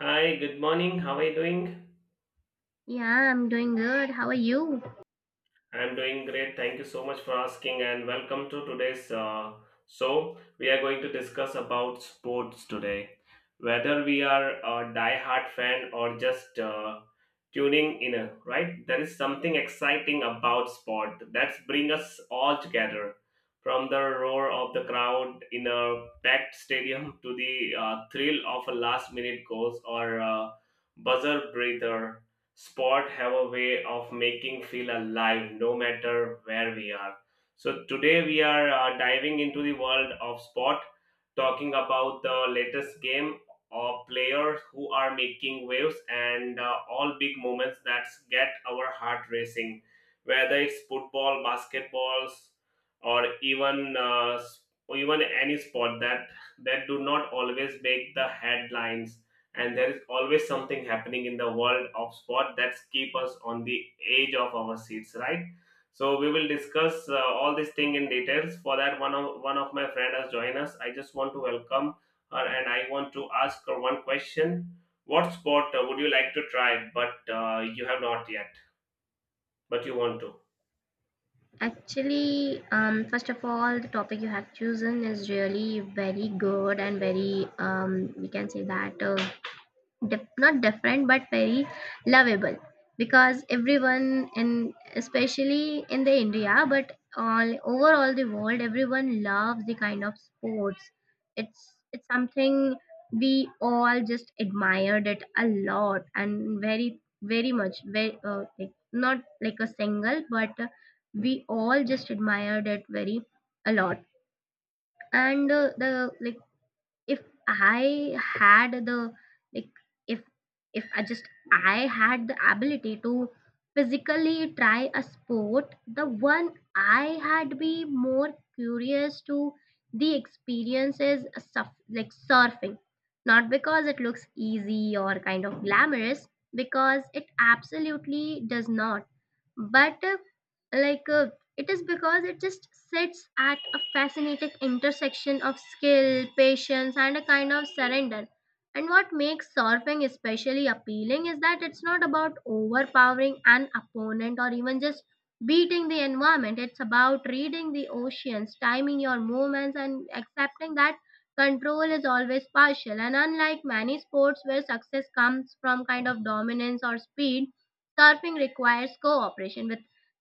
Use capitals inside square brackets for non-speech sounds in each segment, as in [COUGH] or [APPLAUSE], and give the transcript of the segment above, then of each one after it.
Hi, good morning. How are you doing? Yeah, I'm doing good. How are you? I'm doing great. Thank you so much for asking, and welcome to today's show. We are going to discuss about sports today. Whether we are a die-hard fan or just tuning in, right? There is something exciting about sport that's bring us all together. From the roar of the crowd in a packed stadium to the thrill of a last-minute goals or buzzer breather. Sport have a way of making feel alive no matter where we are, so today we are diving into the world of sport, talking about the latest game or players who are making waves, and all big moments that get our heart racing, whether it's football, basketballs, or even or even any sport that do not always make the headlines. And there is always something happening in the world of sport that keep us on the edge of our seats, right? So we will discuss all this thing in details. For that, one of my friend has joined us. I just want to welcome her, and I want to ask her one question. What sport would you like to try, but you have not yet but you want to? Actually, first of all, the topic you have chosen is really very good and very, we can say that not different but very lovable. Because everyone in, especially in the India, but all over all the world, everyone loves the kind of sports. It's something we all just admired it a lot and very much, very like not like a single but we all just admired it very a lot. And the like, if I had the like if I had the ability to physically try a sport, the one I had be more curious to the experiences, surf, like surfing. Not because it looks easy or kind of glamorous, because it absolutely does not, but like it is because it just sits at a fascinating intersection of skill, patience and a kind of surrender. And what makes surfing especially appealing is that it's not about overpowering an opponent or even just beating the environment. It's about reading the oceans, timing your movements and accepting that control is always partial. And unlike many sports where success comes from kind of dominance or speed, surfing requires cooperation with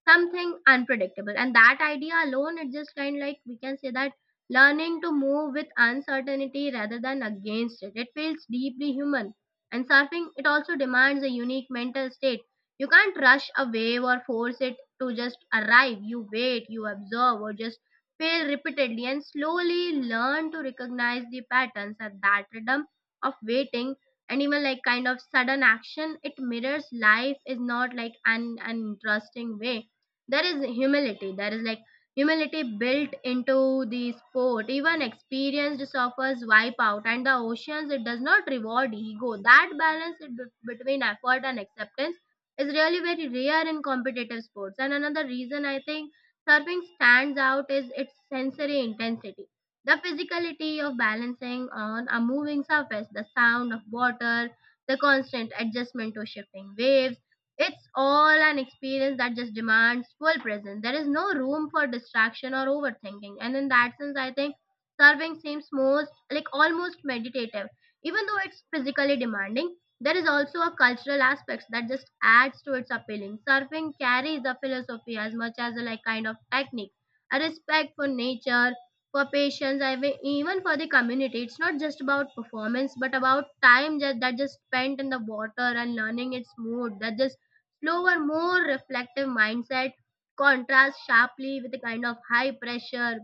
something unpredictable, and that idea alone, it just kind of like, we can say that learning to move with uncertainty rather than against it, it feels deeply human. And surfing, it also demands a unique mental state. You can't rush a wave or force it to just arrive. You wait, you observe or just fail repeatedly and slowly learn to recognize the patterns. And that rhythm of waiting and even like kind of sudden action, it mirrors life is not like an interesting way. There is humility, there is like humility built into the sport. Even experienced surfers wipe out, and the oceans, it does not reward ego. That balance it between effort and acceptance is really very rare in competitive sports. And another reason I think surfing stands out is its sensory intensity. The physicality of balancing on a moving surface, the sound of water, the constant adjustment to shifting waves, it's all an experience that just demands full presence. There is no room for distraction or overthinking. And in that sense, I think surfing seems most like almost meditative. Even though it's physically demanding, there is also a cultural aspect that just adds to its appealing. Surfing carries a philosophy as much as a like kind of technique, a respect for nature, for patients, I mean even for the community. It's not just about performance but about time just, that just spent in the water and learning its mood. That just slower, more reflective mindset contrasts sharply with the kind of high pressure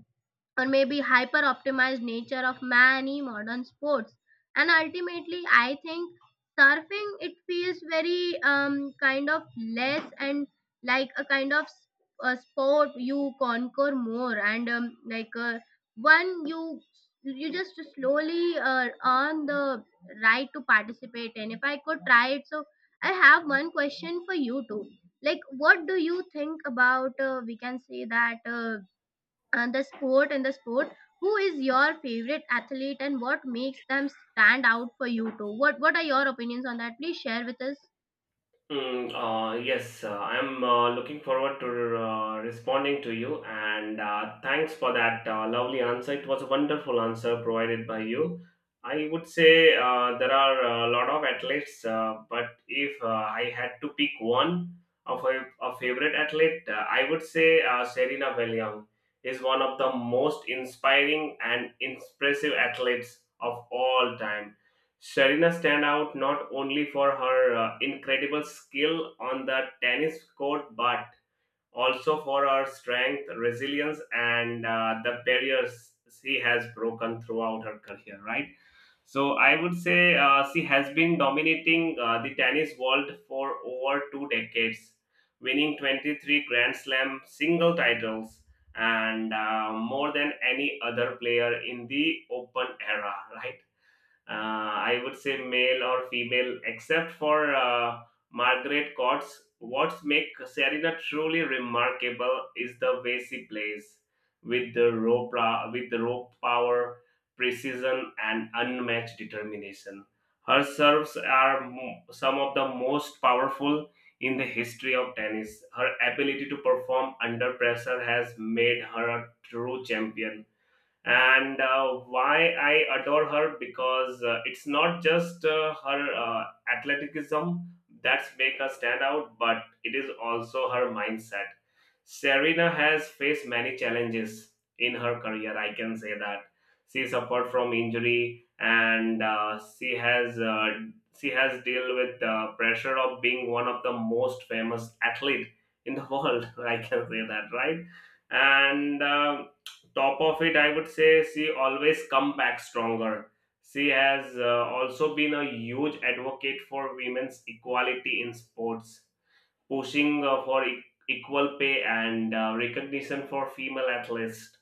or maybe hyper optimized nature of many modern sports. And ultimately I think surfing it feels very kind of less and like a a sport you conquer more and like uh, one you, you just slowly earn the right to participate in if I could try it. So I have one question for you too, like what do you think about we can say that uh, and the sport, who is your favorite athlete and what makes them stand out for you too? What are your opinions on that? Please share with us. Yes, I'm looking forward to responding to you, and thanks for that lovely answer. It was a wonderful answer provided by you. I would say there are a lot of athletes, but if I had to pick one of a favorite athlete, I would say Serena Williams is one of the most inspiring and impressive athletes of all time. Serena stand out not only for her incredible skill on the tennis court, but also for her strength, resilience, and the barriers she has broken throughout her career. Right. So I would say she has been dominating the tennis world for over two decades, winning 23 Grand Slam single titles and more than any other player in the Open era. Right, I would say male or female, except for Margaret Courts. What makes Serena truly remarkable is the way she plays with the with the raw power, precision, and unmatched determination. Her serves are some of the most powerful in the history of tennis. Her ability to perform under pressure has made her a true champion. And why I adore her, because it's not just her athleticism that's make her stand out, but it is also her mindset. Serena has faced many challenges in her career. I can say that she suffered from injury, and she has dealt with the pressure of being one of the most famous athlete in the [LAUGHS] world. I can say that, right? And top of it, I would say she always come back stronger. She has also been a huge advocate for women's equality in sports, pushing equal pay and recognition for female athletes.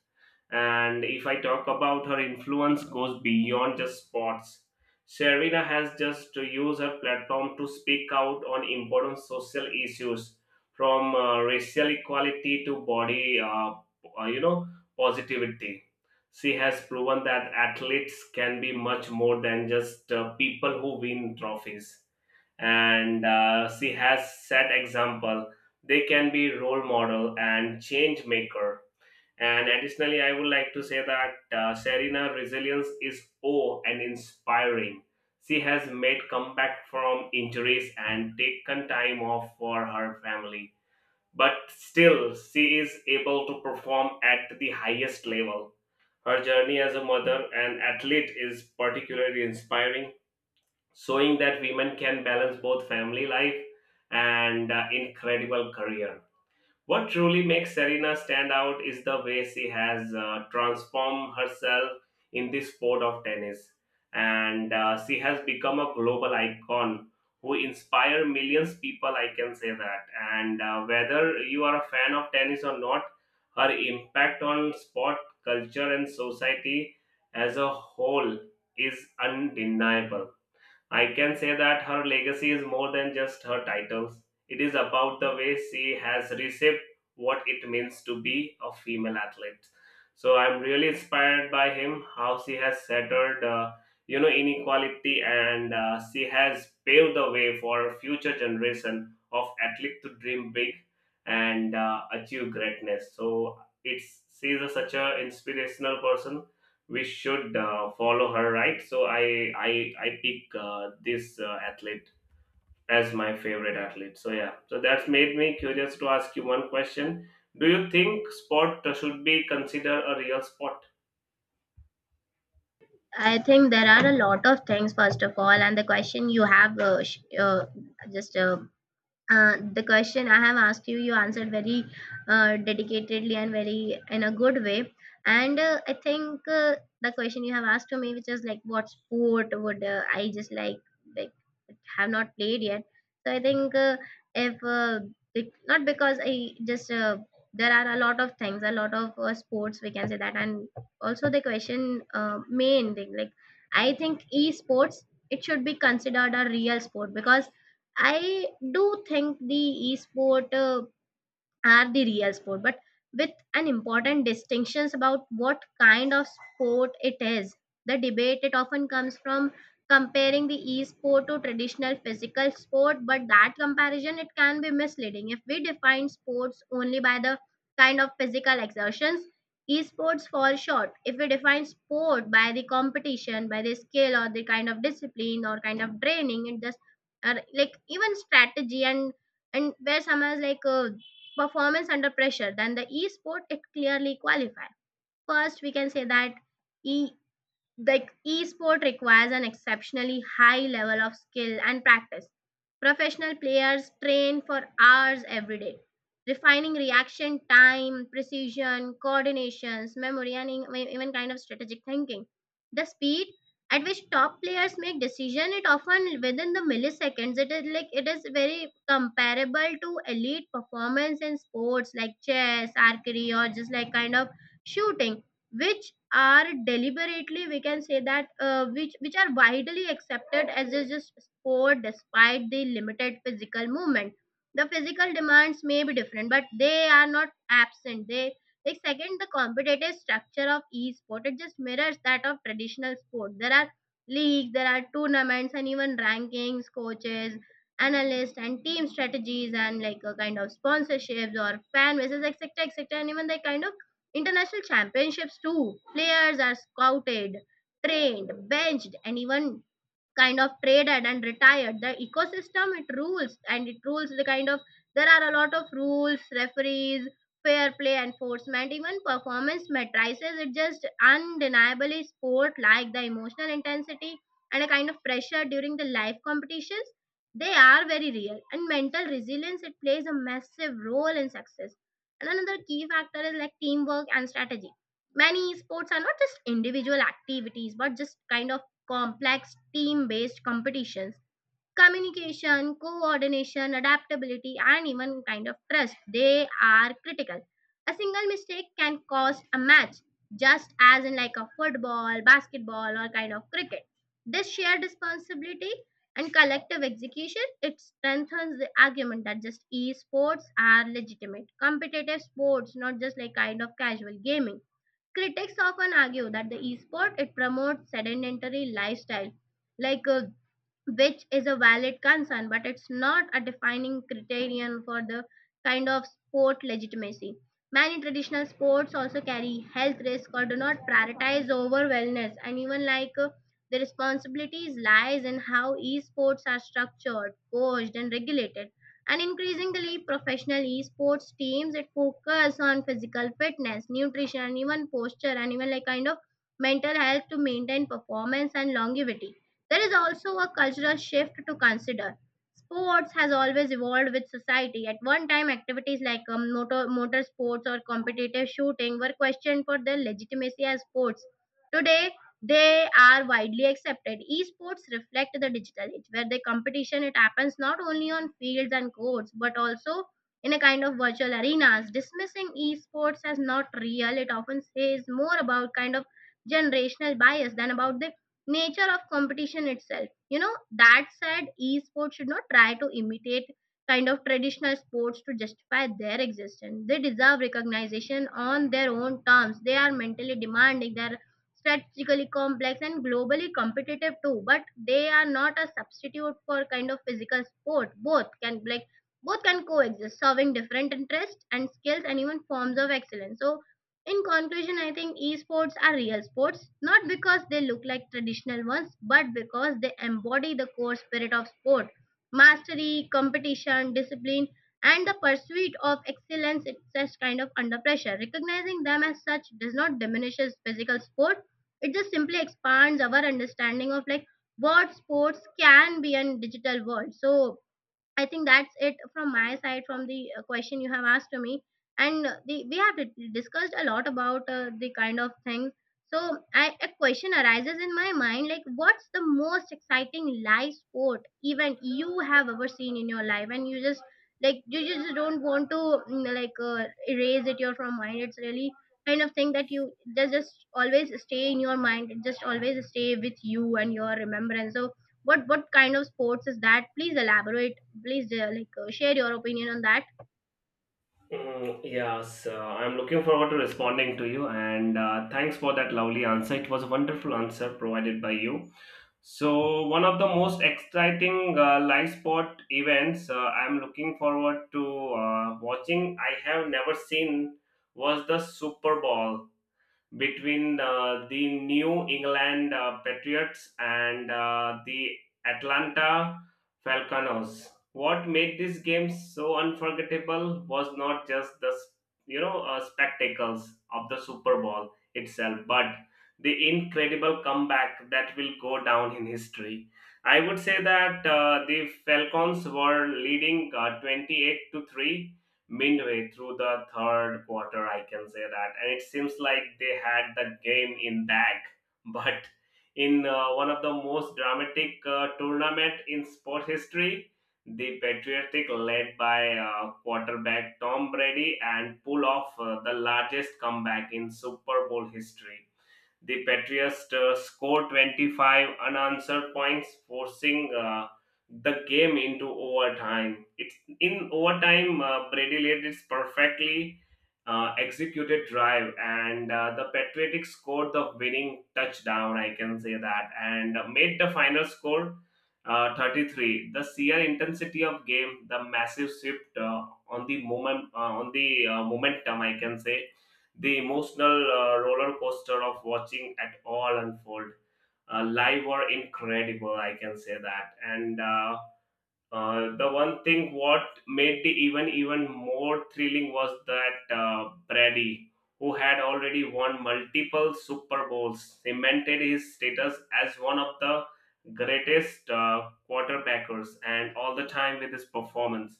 And if I talk about her influence goes beyond just sports. Sherina has just to use her platform to speak out on important social issues, from racial equality to body uh, you know positivity. She has proven that athletes can be much more than just people who win trophies, and she has set example. They can be role model and change maker. And additionally, I would like to say that Serena resilience is awe and inspiring. She has made comeback from injuries and taken time off for her family, but still she is able to perform at the highest level. Her journey as a mother and athlete is particularly inspiring, showing that women can balance both family life and incredible career. What truly makes Serena stand out is the way she has transformed herself in this sport of tennis, and she has become a global icon who inspire millions people. I can say that. And whether you are a fan of tennis or not, her impact on sport, culture, and society as a whole is undeniable. I can say that her legacy is more than just her titles. It is about the way she has reshaped what it means to be a female athlete. So I'm really inspired by him, how she has shattered, inequality, and she has paved the way for a future generation of athlete to dream big and achieve greatness. So it's she's a such a inspirational person we should follow her, right? So I pick this athlete as my favorite athlete. So yeah, so that's made me curious to ask you one question. Do you think sport should be considered a real sport? I think there are a lot of things. First of all, and the question you have sh- just the question I have asked you, you answered very dedicatedly and very in a good way. And I think the question you have asked to me, which is like, what sport would I just like have not played yet? So I think if bec- not because I just there are a lot of things, a lot of sports we can say that. And also the question main thing like, I think esports, it should be considered a real sport because I do think the esport are the real sport, but with an important distinctions about what kind of sport it is. The debate, it often comes from comparing the e-sport to traditional physical sport, but that comparison it can be misleading. If we define sports only by the kind of physical exertions, esports fall short. If we define sport by the competition, by the skill or the kind of discipline or kind of training it just, or like even strategy and where some is like performance under pressure, then the e-sport, it clearly qualifies. First, we can say that e the sport requires an exceptionally high level of skill and practice. Professional players train for hours every day, refining reaction time, precision, coordinations, memory, and even kind of strategic thinking. The speed at which top players make decision, it often within the milliseconds, it is like it is very comparable to elite performance in sports like chess, archery or just like kind of shooting, which are deliberately, we can say that which are widely accepted as a just sport despite the limited physical movement. The physical demands may be different but they are not absent. They like second, the competitive structure of e-sport, it just mirrors that of traditional sport. There are leagues, there are tournaments and even rankings, coaches, analysts and team strategies and like a kind of sponsorships or fan bases, etc, etc, and even the kind of international championships too. Players are scouted, trained, benched, and even kind of traded and retired. The ecosystem it rules, and it rules the kind of, there are a lot of rules, referees, fair play enforcement, even performance matrices, it just undeniably sport like. The emotional intensity and a kind of pressure during the live competitions, they are very real and mental resilience, it plays a massive role in success. And another key factor is like teamwork and strategy. Many sports are not just individual activities but just kind of complex team based competitions. Communication, coordination, adaptability and even kind of trust, they are critical. A single mistake can cost a match, just as in like a football, basketball or kind of cricket. This shared responsibility and collective execution, it strengthens the argument that just esports are legitimate competitive sports, not just like kind of casual gaming. Critics often argue that the esport, it promotes sedentary lifestyle, like uh, which is a valid concern, but it's not a defining criterion for the kind of sport legitimacy. Many traditional sports also carry health risk or do not prioritize over wellness, and even the responsibilities lies in how esports are structured, coached, and regulated. And increasingly, professional esports teams, it focus on physical fitness, nutrition, and even posture, and even like kind of mental health to maintain performance and longevity. There is also a cultural shift to consider. Sports has always evolved with society. At one time, activities like motor sports or competitive shooting were questioned for their legitimacy as sports. Today, they are widely accepted. Esports reflect the digital age, where the competition, it happens not only on fields and courts, but also in a kind of virtual arenas. Dismissing esports as not real, it often says more about kind of generational bias than about the nature of competition itself, you know. That said, esports should not try to imitate kind of traditional sports to justify their existence. They deserve recognition on their own terms. They are mentally demanding, they're strategically complex and globally competitive too, but they are not a substitute for kind of physical sport. Both can coexist, serving different interests and skills and even forms of excellence. So in conclusion, I think esports are real sports, not because they look like traditional ones, but because they embody the core spirit of sport, mastery, competition, discipline, and the pursuit of excellence, such kind of under pressure. Recognizing them as such does not diminishes physical sport, it just simply expands our understanding of like what sports can be in digital world. So I think that's it from my side from the question you have asked to me. And we have discussed a lot about the kind of things. So I, a question arises in my mind like, what's the most exciting live sport event you have ever seen in your life? And you just like, you just don't want to erase it your from mind. It's really kind of thing that you, that just always stay in your mind. It just always stay with you and your remembrance. So what kind of sports is that? Please elaborate. Please share your opinion on that. Yes, I'm looking forward to responding to you, and thanks for that lovely answer. It was a wonderful answer provided by you. So one of the most exciting live sport events I'm looking forward to watching I have never seen was the Super Bowl between the New England Patriots and the Atlanta Falcons. What made this game so unforgettable was not just the spectacles of the Super Bowl itself, but the incredible comeback that will go down in history. I would say that the Falcons were leading 28 to 3 midway through the third quarter, I can say that. And it seems like they had the game in bag. [LAUGHS] But in one of the most dramatic tournament in sport history, the Patriotic, led by quarterback Tom Brady, and pull off the largest comeback in Super Bowl history. The Patriots scored 25 unanswered points, forcing the game into overtime. It's in overtime. Brady led its perfectly executed drive, and the Patriots scored the winning touchdown. I can say that, and made the final score 33. The sheer intensity of game, the massive shift on the momentum, I can say, the emotional roller coaster of watching it all unfold live were incredible. I can say that. And the one thing what made the event even more thrilling was that Brady, who had already won multiple Super Bowls, cemented his status as one of the greatest quarterbackers and all the time with his performance.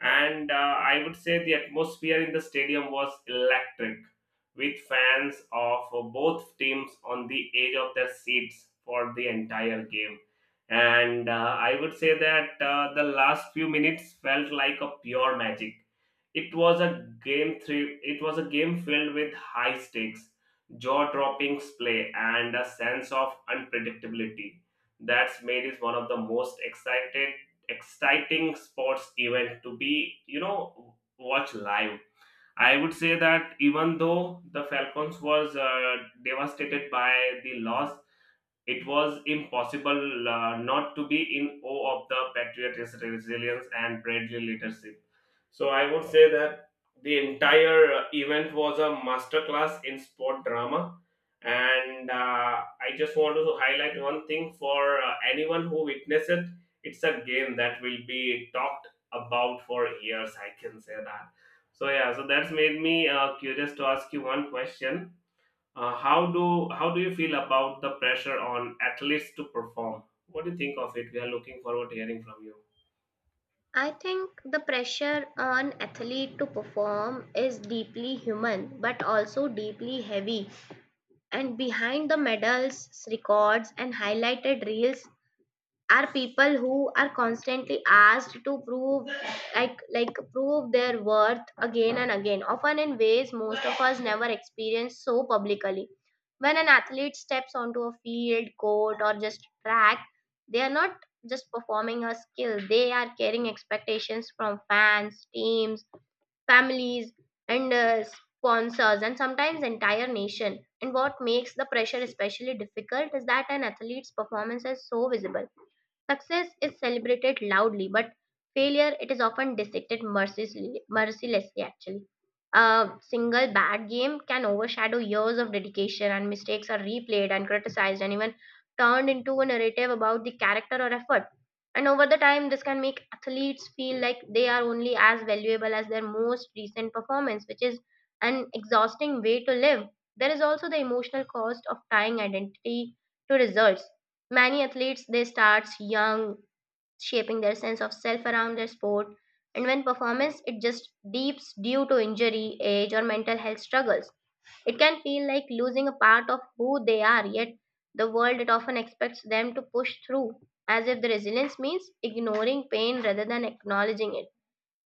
And I would say the atmosphere in the stadium was electric, with fans of both teams on the edge of their seats for the entire game. And I would say that the last few minutes felt like a pure magic. It was a game filled with high stakes, jaw dropping play, and a sense of unpredictability that's made it one of the most excited exciting sports event to be, you know, watch live. I would say that, even though the Falcons was devastated by the loss, it was impossible not to be in awe of the Patriots' resilience and bravely leadership. So I would say that the entire event was a masterclass in sport drama. And I just want to highlight one thing for anyone who witnessed it. It's a game that will be talked about for years. I can say that. So yeah, so that's made me curious to ask you one question. Uh, how do how do you feel about the pressure on athletes to perform? What do you think of it? We are looking forward to hearing from you. I think the pressure on athlete to perform is deeply human but also deeply heavy, and behind the medals, records and highlighted reels are people who are constantly asked to prove, like prove their worth again and again, often in ways most of us never experience so publicly. When an athlete steps onto a field, court or just track, they are not just performing a skill, they are carrying expectations from fans, teams, families and sponsors, and sometimes entire nation. And what makes the pressure especially difficult is that an athlete's performance is so visible. Success is celebrated loudly, but failure, it is often dissected mercilessly. Mercilessly, actually, a single bad game can overshadow years of dedication, and mistakes are replayed and criticized, and even turned into a narrative about the character or effort. And over the time, this can make athletes feel like they are only as valuable as their most recent performance, which is an exhausting way to live. There is also the emotional cost of tying identity to results. Many athletes, they start young, shaping their sense of self around their sport, and when performance it just deeps due to injury, age, or mental health struggles, it can feel like losing a part of who they are. Yet the world it often expects them to push through, as if the resilience means ignoring pain rather than acknowledging it.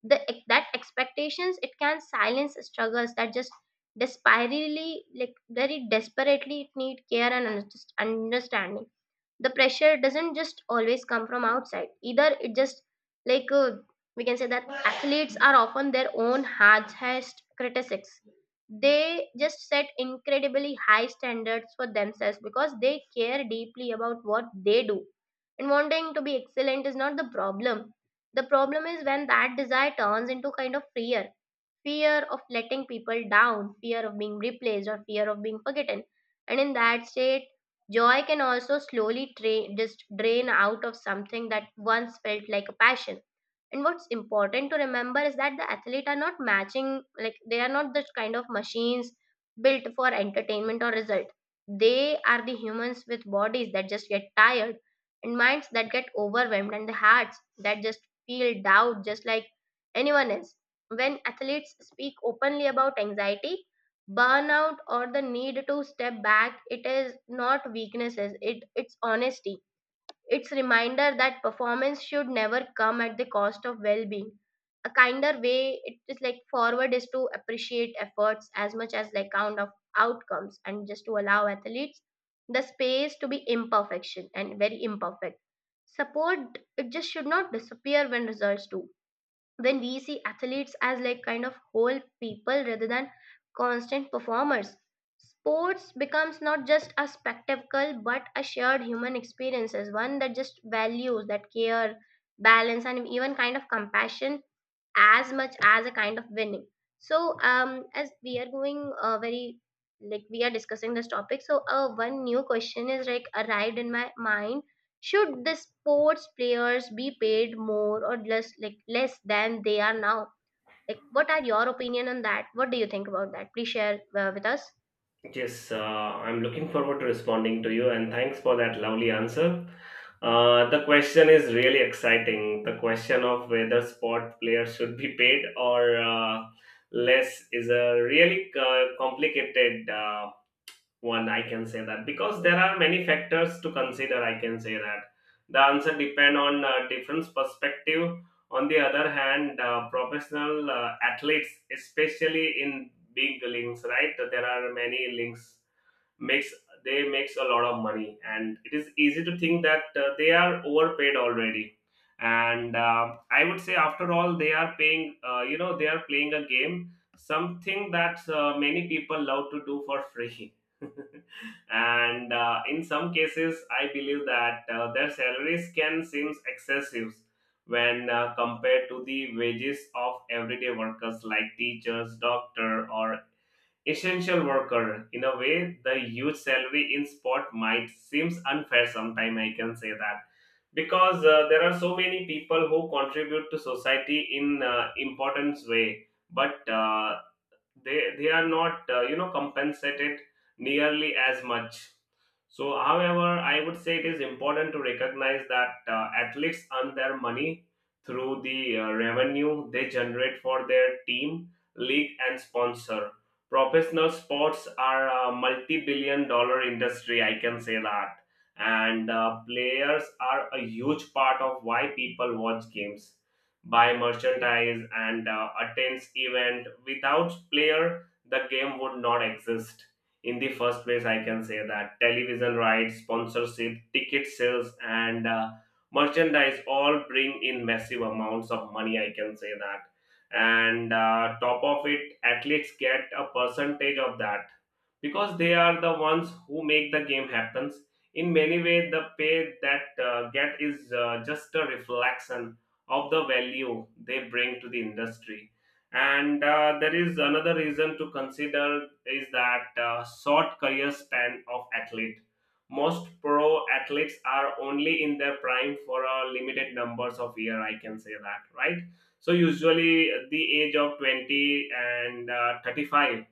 The that expectations it can silence struggles that just desperately, like very desperately, it need care and understanding. The pressure doesn't just always come from outside either, it just like we can say that athletes are often their own hardest critics. They just set incredibly high standards for themselves because they care deeply about what they do, and wanting to be excellent is not the problem. The problem is when that desire turns into kind of fear, fear of letting people down, fear of being replaced, or fear of being forgotten. And in that state, joy can also slowly just drain out of something that once felt like a passion. And what's important to remember is that the athlete are not matching, like they are not the kind of machines built for entertainment or result. They are the humans with bodies that just get tired, and minds that get overwhelmed, and the hearts that just feel doubt, just like anyone else. When athletes speak openly about anxiety, burnout, or the need to step back, it is not weaknesses, it's honesty. It's reminder that performance should never come at the cost of well-being. A kinder way it is like forward is to appreciate efforts as much as like count of outcomes, and just to allow athletes the space to be imperfection and very imperfect. Support it just should not disappear when results do. When we see athletes as like kind of whole people rather than constant performers, sports becomes not just a spectacle but a shared human experience, as one that just values that care, balance and even kind of compassion as much as a kind of winning. So as we are going very like, we are discussing this topic, so one new question is like arrived in my mind. Should the sports players be paid more or less, like less than they are now? Like what are your opinion on that? What do you think about that? Please share with us. Yes, I'm looking forward to responding to you, and thanks for that lovely answer. The question is really exciting. The question of whether sport players should be paid or less is a really complicated one. I can say that because there are many factors to consider. I can say that the answer depend on different perspective. On the other hand, professional athletes, especially in big links, right, there are many links makes, they makes a lot of money, and it is easy to think that they are overpaid already. And I would say, after all, they are paying, they are playing a game, something that many people love to do for free. [LAUGHS] And in some cases I believe that their salaries can seem excessive when compared to the wages of everyday workers like teachers, doctor, or essential worker. In a way, the huge salary in sport might seems unfair sometime, I can say that, because there are so many people who contribute to society in importance way, but they are not, compensated nearly as much. So, however, I would say it is important to recognize that athletes earn their money through the revenue they generate for their team, league, and sponsor. Professional sports are a multi billion dollar industry, I can say that. And players are a huge part of why people watch games, buy merchandise, and attends event. Without player, the game would not exist in the first place, I can say that television rights, sponsorship, ticket sales, and merchandise all bring in massive amounts of money. I can say that. And top of it, athletes get a percentage of that because they are the ones who make the game happens. In many ways, the pay that get is just a reflection of the value they bring to the industry, and there is another reason to consider is that short career span of athlete. Most pro athletes are only in their prime for a limited numbers of year. I can say that, right? So usually at the age of 20 and 35.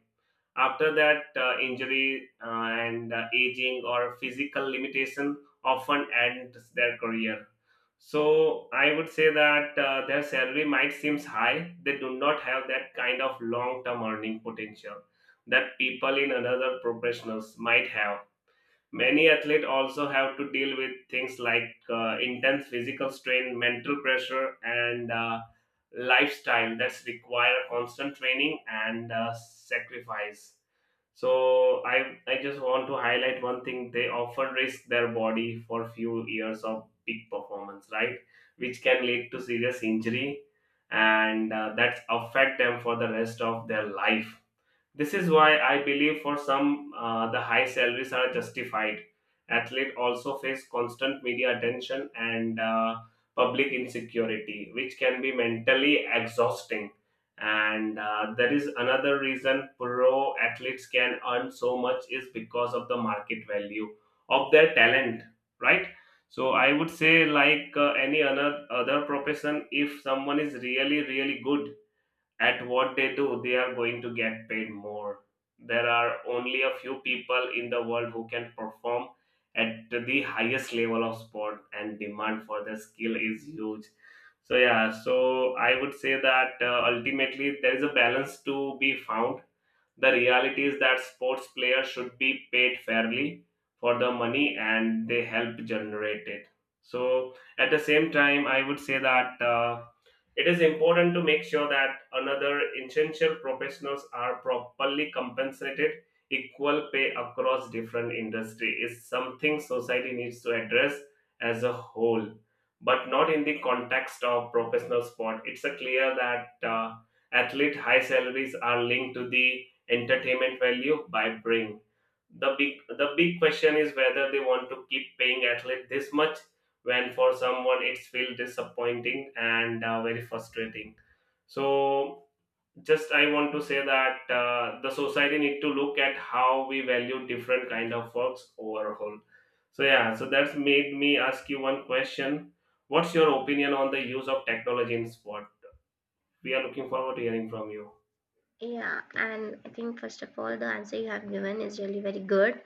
After that, injury and aging or physical limitation often ends their career. So I would say that their salary might seem high. They do not have that kind of long-term earning potential that people in another professionals might have. Many athletes also have to deal with things like intense physical strain, mental pressure, and lifestyle that's require constant training and sacrifice. So I just want to highlight one thing. They often risk their body for few years of peak performance, right? Which can lead to serious injury, and that affect them for the rest of their life. This is why I believe for some the high salaries are justified. Athletes also face constant media attention and public insecurity, which can be mentally exhausting. And there is another reason pro athletes can earn so much is because of the market value of their talent, right? So I would say, like any other profession, if someone is really really good at what they do, they are going to get paid more. There are only a few people in the world who can perform at the highest level of sport, and demand for the skill is huge. So, yeah, so I would say that ultimately there is a balance to be found. The reality is that sports players should be paid fairly for the money and they help generate it. So, at the same time, I would say that, it is important to make sure that another essential professionals are properly compensated. Equal pay across different industry is something society needs to address as a whole, but not in the context of professional sport. It's a clear that athlete high salaries are linked to the entertainment value by bring the big question is whether they want to keep paying athlete this much when for someone it's feel disappointing and very frustrating. So, just I want to say that the society need to look at how we value different kind of works overall. So, yeah, so that's made me ask you one question. What's your opinion on the use of technology in sport? We are looking forward to hearing from you. Yeah, and I think first of all the answer you have given is really very good,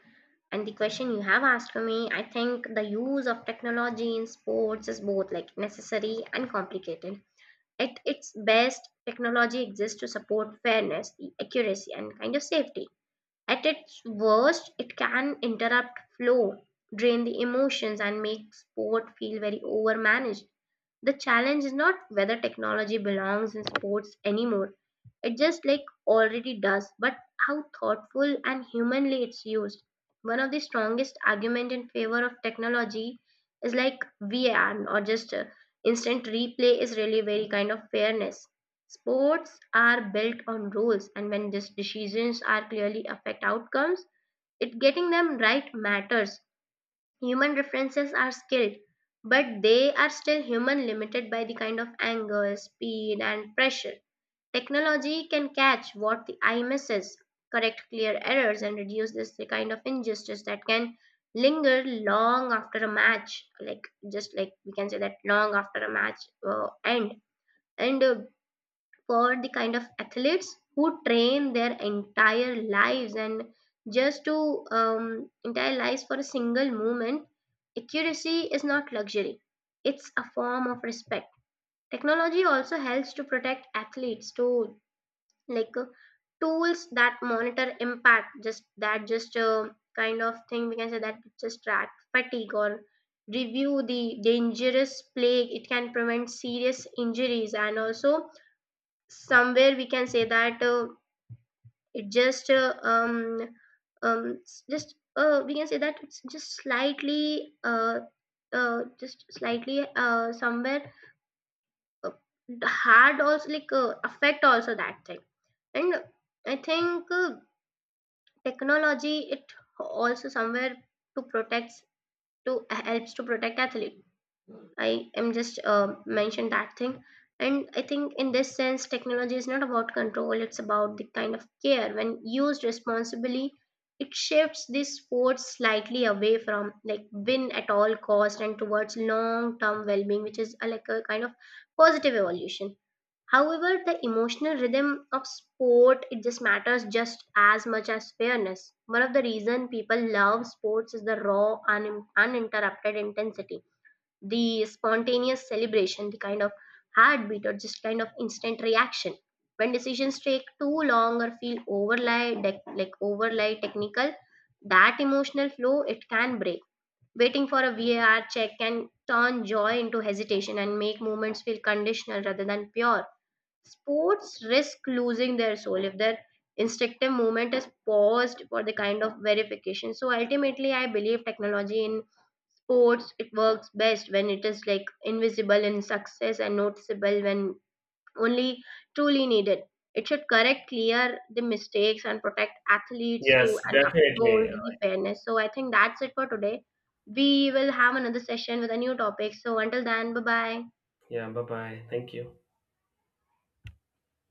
and the question you have asked for me, I think the use of technology in sports is both like necessary and complicated. At its best, technology exists to support fairness, the accuracy and kind of safety. At its worst, it can interrupt flow, drain the emotions and make sport feel very overmanaged. The challenge is not whether technology belongs in sports anymore. It just like already does, but how thoughtful and humanly it's used. One of the strongest argument in favor of technology is like VAR or just instant replay is really very kind of fairness. Sports are built on rules, and when these decisions are clearly affect outcomes, it getting them right matters. Human references are skilled, but they are still human, limited by the kind of anger, speed, and pressure. Technology can catch what the eye misses, correct clear errors, and reduce this the kind of injustice that can linger long after a match. Like just like we can say that long after a match end. And for the kind of athletes who train their entire lives, and just to entire lives for a single movement, accuracy is not luxury, it's a form of respect. Technology also helps to protect athletes to like tools that monitor impact, just that just kind of thing we can say that just track fatigue or review the dangerous play. It can prevent serious injuries, and also somewhere we can say that it just we can say that it's just slightly somewhere, uh, hard also like affect also that thing. And I think technology it also somewhere to protects, to helps to protect athlete. I am just mentioned that thing. And I think in this sense, technology is not about control, it's about the kind of care. When used responsibly, it shifts this force slightly away from like win at all cost and towards long term well being, which is a, like a kind of positive evolution. However, the emotional rhythm of sport it just matters just as much as fairness. One of the reason people love sports is the raw, uninterrupted intensity, the spontaneous celebration, the kind of heartbeat or just kind of instant reaction. When decisions take too long or feel overly like overly technical, that emotional flow it can break. Waiting for a VAR check can turn joy into hesitation and make moments feel conditional rather than pure. Sports risk losing their soul if their instinctive movement is paused for the kind of verification. So ultimately I believe technology in sports it works best when it is like invisible in success and noticeable when only truly needed. It should correct clear the mistakes and protect athletes too Yes, and definitely. uphold the fairness. So I think that's it for today. We will have another session with a new topic, so until then, bye bye. Yeah, bye bye, thank you.